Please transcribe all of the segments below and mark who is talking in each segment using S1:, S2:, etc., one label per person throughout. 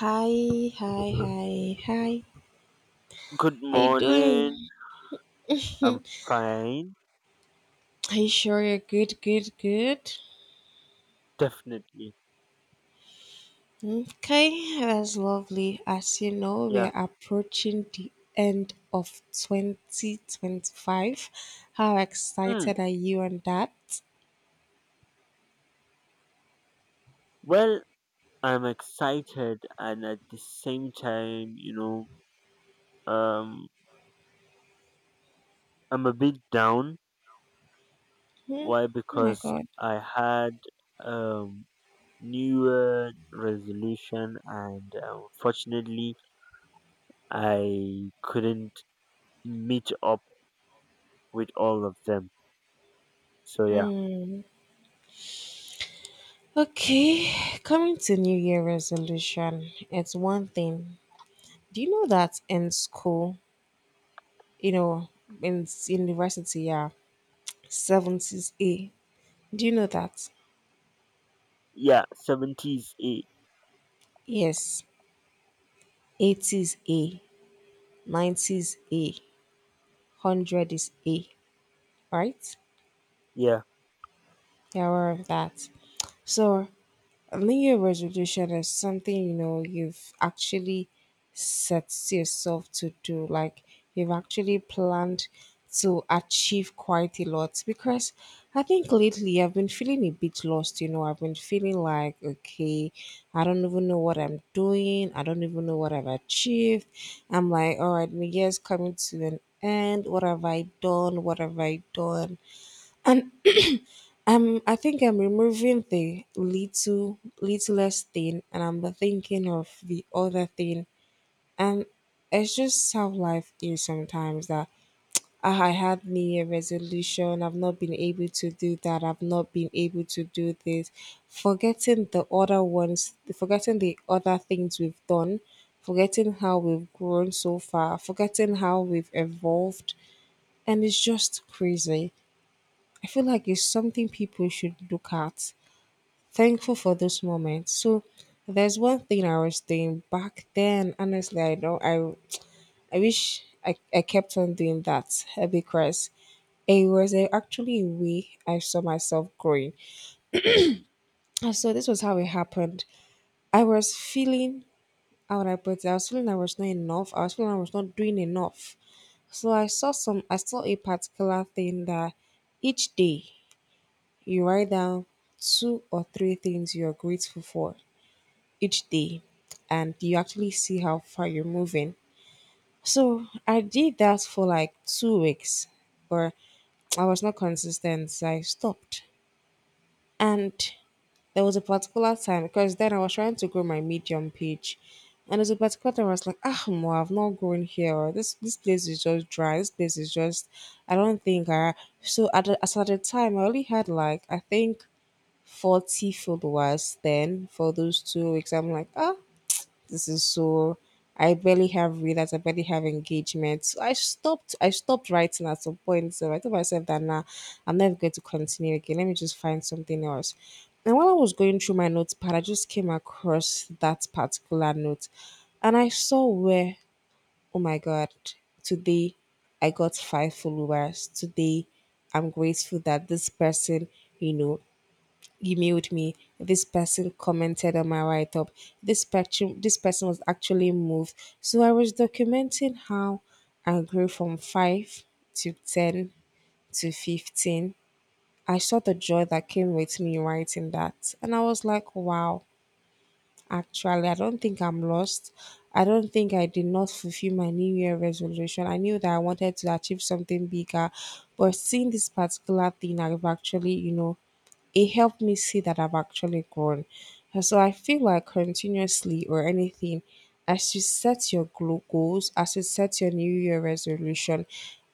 S1: Hi, hi, hi, hi.
S2: Good
S1: How you
S2: morning.
S1: doing?
S2: I'm fine.
S1: Are you sure you're good, good, good?
S2: Definitely.
S1: Okay, that's lovely. As you know, we
S2: Yeah.
S1: are approaching the end of 2025. How
S2: Hmm.
S1: excited are you on that?
S2: Well, I'm excited and at the same time, um I'm a bit down.
S1: Hmm?
S2: Why?
S1: Oh my
S2: Because
S1: god.
S2: I had um new year resolution and unfortunately I couldn't meet up with all of them. So yeah.
S1: Okay, coming to New Year resolution, it's one thing. Do you know that in school, you know, in university, yeah, 70s A? Do you know that?
S2: Yeah, 70s.
S1: Yes, 80s A, 90s A, 100 is A, right?
S2: Yeah.
S1: You're aware of that. So A New Year resolution is something you know you've actually set yourself to do. Like you've actually planned to achieve quite a lot. Because I think lately I've been feeling a bit lost. You know, I've been feeling like, okay, I don't even know what I'm doing. I don't even know what I've achieved. I'm like, all right, my year's coming to an end. What have I done? What have I done? And I think I'm removing the littlest thing and I'm thinking of the other thing. And it's just how life is sometimes that I had New Year resolution, I've not been able to do that, I've not been able to do this. Forgetting the other ones, forgetting the other things we've done, forgetting how we've grown so far, forgetting how we've evolved. And it's just crazy. I feel like it's something people should look at thankful for those moments. So there's one thing I was doing back then. Honestly, I wish I kept on doing that because it was actually a way I saw myself growing. And so this was how it happened. I was feeling, how would I put it? I was feeling I was not enough. I was feeling I was not doing enough. So I saw a particular thing that each day you write down two or three things you are grateful for each day and you actually see how far you're moving. So I did that for like 2 weeks, but I was not consistent. So I stopped. And there was a particular time because then I was trying to grow my medium page. And there was a particular time I was like, Mo, I've not grown here, or this place is just dry. This place is just, I don't think I. So at as at the time, I only had like, I think, 40 followers then for those 2 weeks. I'm like, this is so I barely have readers, I barely have engagement. So I stopped writing at some point. So I told myself that now, nah, I'm never going to continue again. Let me just find something else. And while I was going through my notepad, I just came across that particular note and I saw where, oh my god, today I got five followers. Today I'm grateful that this person you know, emailed me. This person commented on my write up. This spectrum. This person was actually moved. So I was documenting how I grew from 5 to 10 to 15. I saw the joy that came with me writing that, and I was like, wow. Actually, I don't think I'm lost. I don't think I did not fulfill my New Year resolution. I knew that I wanted to achieve something bigger, but seeing this particular thing, I've actually, it helped me see that I've actually grown. And so I feel like continuously or anything, as you set your goals, as you set your New Year resolution,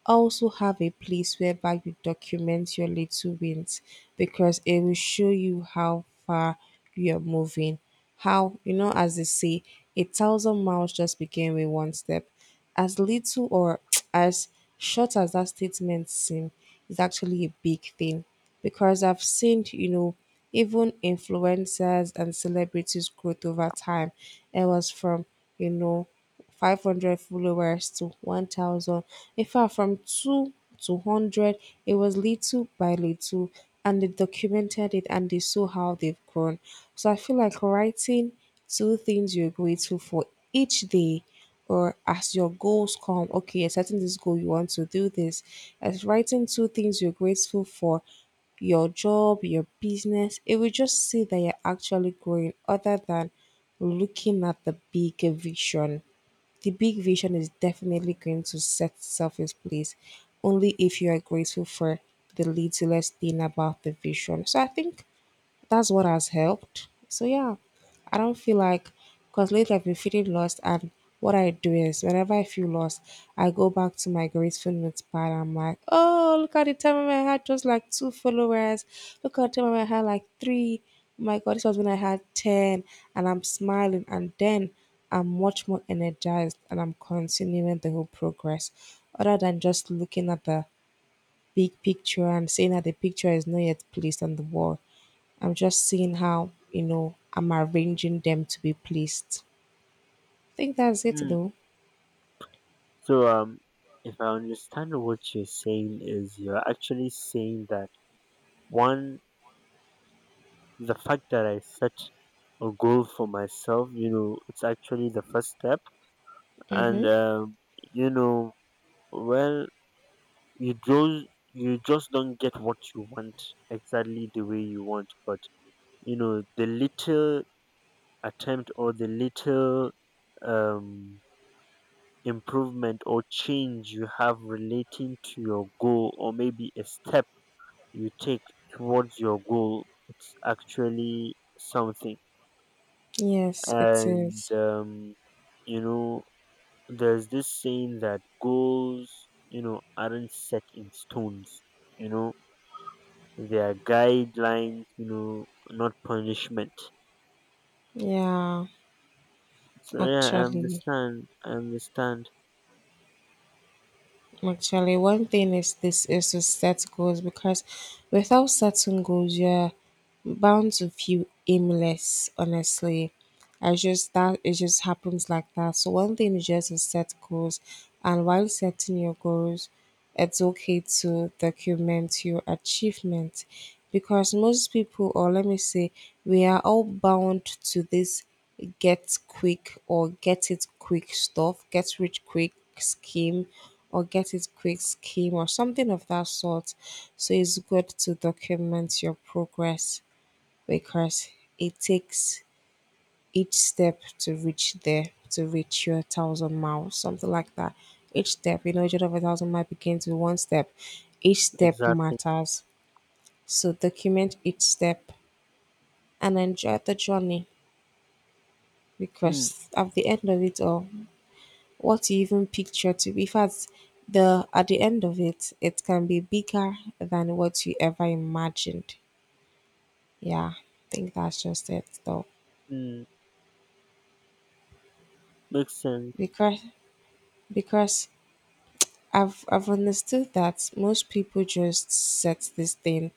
S1: also have a place whereby you document your little wins, because it will show you how far you are moving. As they say, a thousand miles just begin with one step. As little or as short as that statement seems, it's actually a big thing because I've seen, even influencers and celebrities growth over time. It was from, you know, 500 followers to 1,000. In fact, from 2 to 100, it was little by little, and they documented it and they saw how they've grown. So I feel like writing two things you're grateful for each day, or as your goals come, okay, you're setting this goal, you want to do this. As writing two things you're grateful for your job, your business, it will just see that you're actually growing, other than looking at the big vision. The big vision is definitely going to set itself in place only if you are grateful for the littlest thing about the vision. So I think that's what has helped. So, yeah, I don't feel like, because lately I've been feeling lost, and what I do is, whenever I feel lost, I go back to my gratefulness part. I'm like, oh, look at the time when I had just like two followers. Look at the time when I had like three. Oh my God, this was when I had ten, and I'm smiling, and then I'm much more energized, and I'm continuing the whole progress, other than just looking at the big picture and saying that the picture is not yet placed on the wall. I'm just seeing how, I'm arranging them to be placed. I think that's it
S2: Hmm.
S1: though.
S2: So, if I understand what you're saying is you're actually saying that one, the fact that I set a goal for myself, it's actually the first step, and
S1: Mm-hmm.
S2: you know, well, you just don't get what you want exactly the way you want, but the little attempt or the little um improvement or change you have relating to your goal or maybe a step you take towards your goal, it's actually something.
S1: Yes, it
S2: And
S1: is.
S2: you know there's this saying that goals aren't set in stones you know they are guidelines, not punishment.
S1: Yeah,
S2: So yeah, I
S1: actually,
S2: understand, I understand.
S1: actually, one thing is, this is to set goals, because without setting goals, yeah, bound to feel aimless, honestly. I just that it just happens like that. So one thing is just to set goals, and while setting your goals, it's okay to document your achievement, because most people, or let me say, we are all bound to this get quick, or get it quick stuff, get rich quick scheme, or get it quick scheme, or something of that sort. So it's good to document your progress, because it takes each step to reach there, to reach your thousand miles, something like that. Each step, each of a thousand miles begins with one step. Each step
S2: Exactly.
S1: matters. So document each step and enjoy the journey,
S2: Hmm,
S1: because at the end of it all, what you even picture to be, in fact, the at the end of it, it can be bigger than what you ever imagined. Yeah, I think that's just it though.
S2: hmm. Makes sense.
S1: Because because I've understood that most people just set this thing,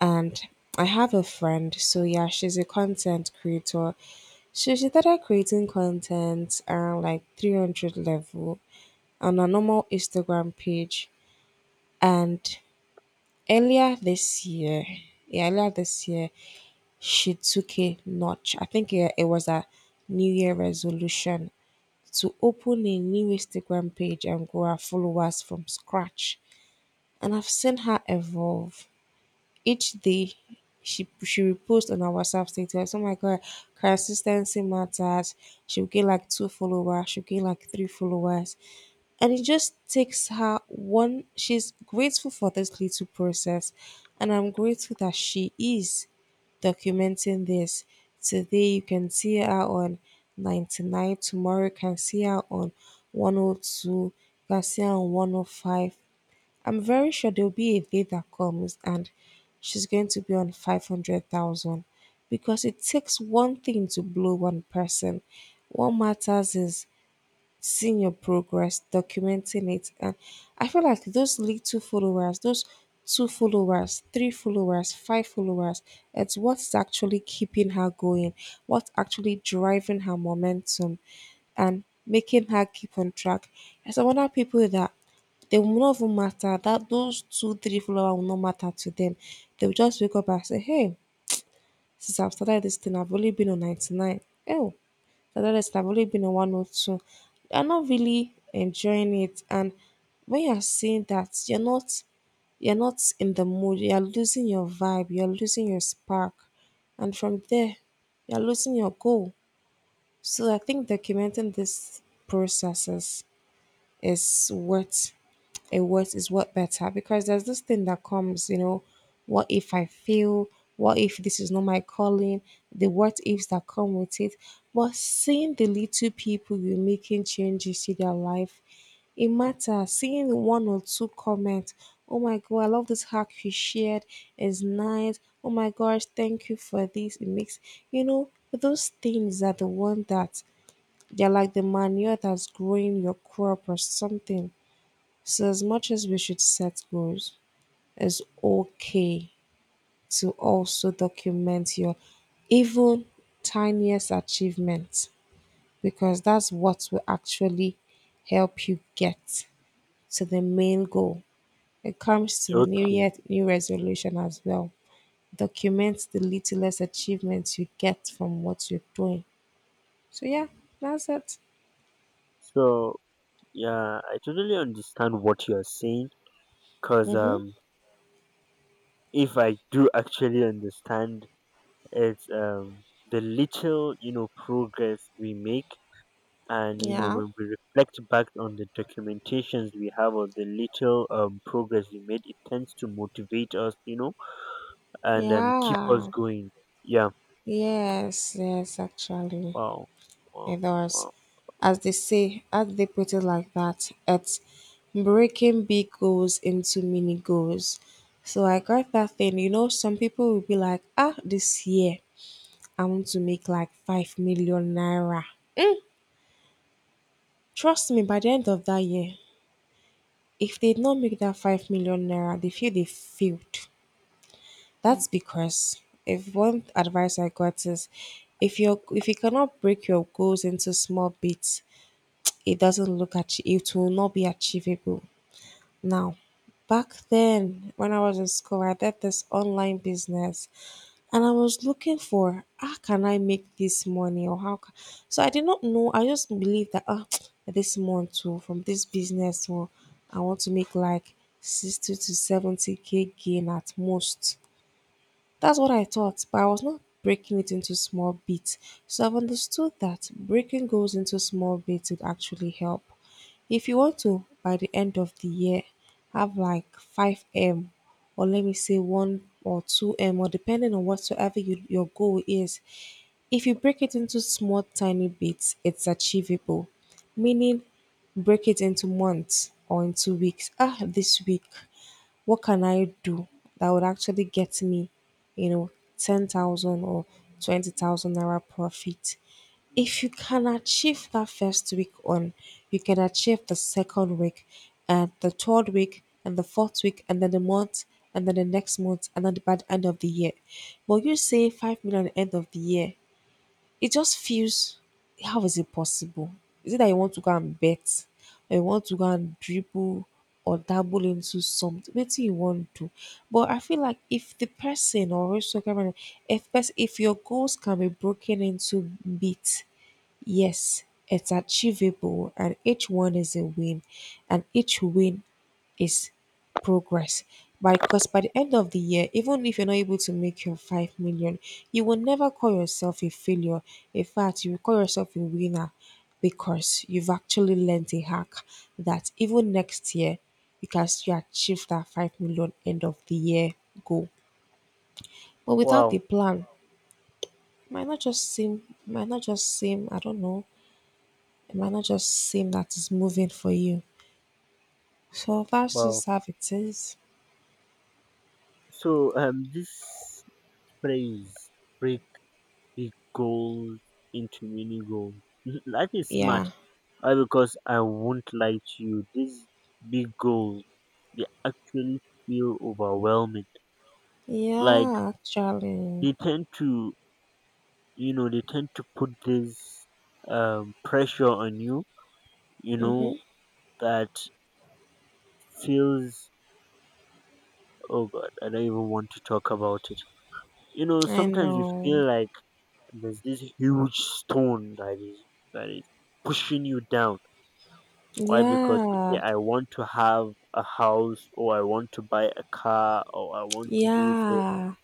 S1: and I have a friend, so, yeah, she's a content creator. So she started creating content around like 300 level on a normal Instagram page. And earlier this year, yeah, earlier this year, she took a notch. I think it was a New Year resolution to open a new Instagram page and grow our followers from scratch. And I've seen her evolve. Each day, she reposts on her WhatsApp status. Oh my god, consistency matters. She'll get like two followers. She'll get like three followers, and it just takes her one. She's grateful for this little process, and I'm grateful that she is documenting this. Today you can see her on 99. Tomorrow you can see her on 102. You can see her on 105. I'm very sure there'll be a day that comes and she's going to be on 500,000, because it takes one thing to blow one person. What matters is seeing your progress, documenting it. And I feel like those little followers, those two followers, three followers, five followers, it's what's actually keeping her going, what's actually driving her momentum and making her keep on track. There's some other people that they will not even matter, that those two, three followers will not matter to them. They will just wake up and say, Hey, since I've started this thing, I've only been on 99. Oh, otherwise, I've only been on one or two. You're not really enjoying it, and when you're seeing that, you're not in the mood. You're losing your vibe. You're losing your spark, and from there, you're losing your goal. So I think documenting these processes is worth it, worth is what better, because there's this thing that comes, you know, what if I fail, what if this is not my calling, the what ifs that come with it, but seeing the little people you're making changes to their life, it matters, seeing one or two comments, oh my god, I love this hack you shared, it's nice, oh my gosh, thank you for this, it makes, you know, those things are the one that they're like the manure that's growing your crop or something. So, as much as we should set goals, it's okay to also document your even tiniest achievements, because that's what will actually help you get to the main goal. It comes to the new
S2: Okay.
S1: year, new resolution as well. Document the littlest achievements you get from what you're doing. So, yeah, that's it.
S2: So yeah, I totally understand what you're saying, because
S1: Mm-hmm.
S2: if I do actually understand, it's the little progress we make, and
S1: Yeah.
S2: when we reflect back on the documentations we have of the little progress we made, it tends to motivate us, and keep us
S1: Yeah.
S2: going. Yeah.
S1: Yes, yes, actually,
S2: Wow. Wow.
S1: it does.
S2: Wow.
S1: As they say, as they put it like that, it's breaking big goals into mini goals. So I got that thing. You know, some people will be like, this year I want to make like 5 million naira. Mm, trust me, by the end of that year, if they did not make that 5 million naira, they feel they failed. That's because, if one advice I got is, if you cannot break your goals into small bits, it doesn't look at, it will not be achievable. Now, back then when I was in school, I did this online business, and I was looking for, how can I make this money, or how ca so I did not know, I just believed that this month, from this business, or I want to make like 60 to 70K gain at most. That's what I thought, but I was not breaking it into small bits. So I've understood that breaking goals into small bits would actually help. If you want to, by the end of the year, have like 5M, or let me say 1 or 2M, or depending on whatsoever your goal is. If you break it into small, tiny bits, it's achievable. Meaning, break it into months or into weeks. This week, what can I do that would actually get me, you know, 10,000 or 20,000 naira profit? If you can achieve that first week on, you can achieve the second week and the third week and the fourth week and then the month and then the next month and then by the end of the year. But you say 5 million end of the year, it just feels, how is it possible? Is it that you want to go and bet, or you want to go and dribble or dabble into something? What do you want to do? But I feel like, if the person, or also if your goals can be broken into bits, yes, it's achievable, and each one is a win, and each win is progress. Because by the end of the year, even if you're not able to make your 5 million, you will never call yourself a failure. In fact, you will call yourself a winner, because you've actually learned a hack that even next year, you can still achieve that 5 million end of the year goal. But without the
S2: Wow.
S1: plan, it might not just seem, I don't know, it might not just seem that it's moving for you. So that's
S2: Wow.
S1: just how it is.
S2: So this phrase, break big goals into mini goals. That is
S1: Yeah.
S2: smart. Why? Because I won't lie to you, these big goals, they actually feel overwhelming. Like,
S1: Yeah, actually.
S2: they tend to put this pressure on you, you know,
S1: Mm-hmm.
S2: that feels, oh god, I don't even want to talk about it.
S1: I
S2: Sometimes you
S1: know.
S2: feel like there's this huge stone that is that is pushing you down. Why? Because okay,
S1: Yeah.
S2: I want to have a house, or I want to buy a car, or I want to do this.
S1: Yeah.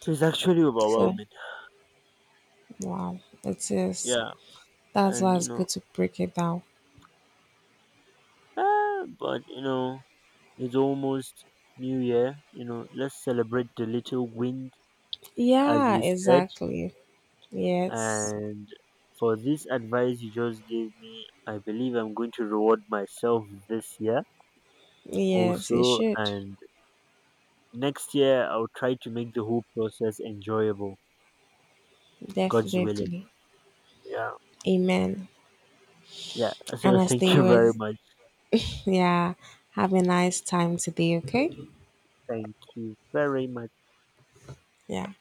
S2: So it's actually
S1: So,
S2: overwhelming.
S1: wow, it is.
S2: Yeah,
S1: That's
S2: and
S1: why it's good to break it down.
S2: but it's almost New Year. Let's celebrate the little wins, as
S1: Yeah,
S2: you said.
S1: exactly. Yes.
S2: And for this advice you just gave me, I believe I'm going to reward myself this year
S1: Yes, it
S2: also,
S1: should.
S2: and next year I'll try to make the whole process enjoyable. God's willing.
S1: Definitely.
S2: Yeah.
S1: Amen.
S2: Yeah,
S1: And
S2: so
S1: as
S2: thank
S1: they
S2: you
S1: were,
S2: very much.
S1: yeah, have a nice time today, okay?
S2: Thank you very much.
S1: Yeah.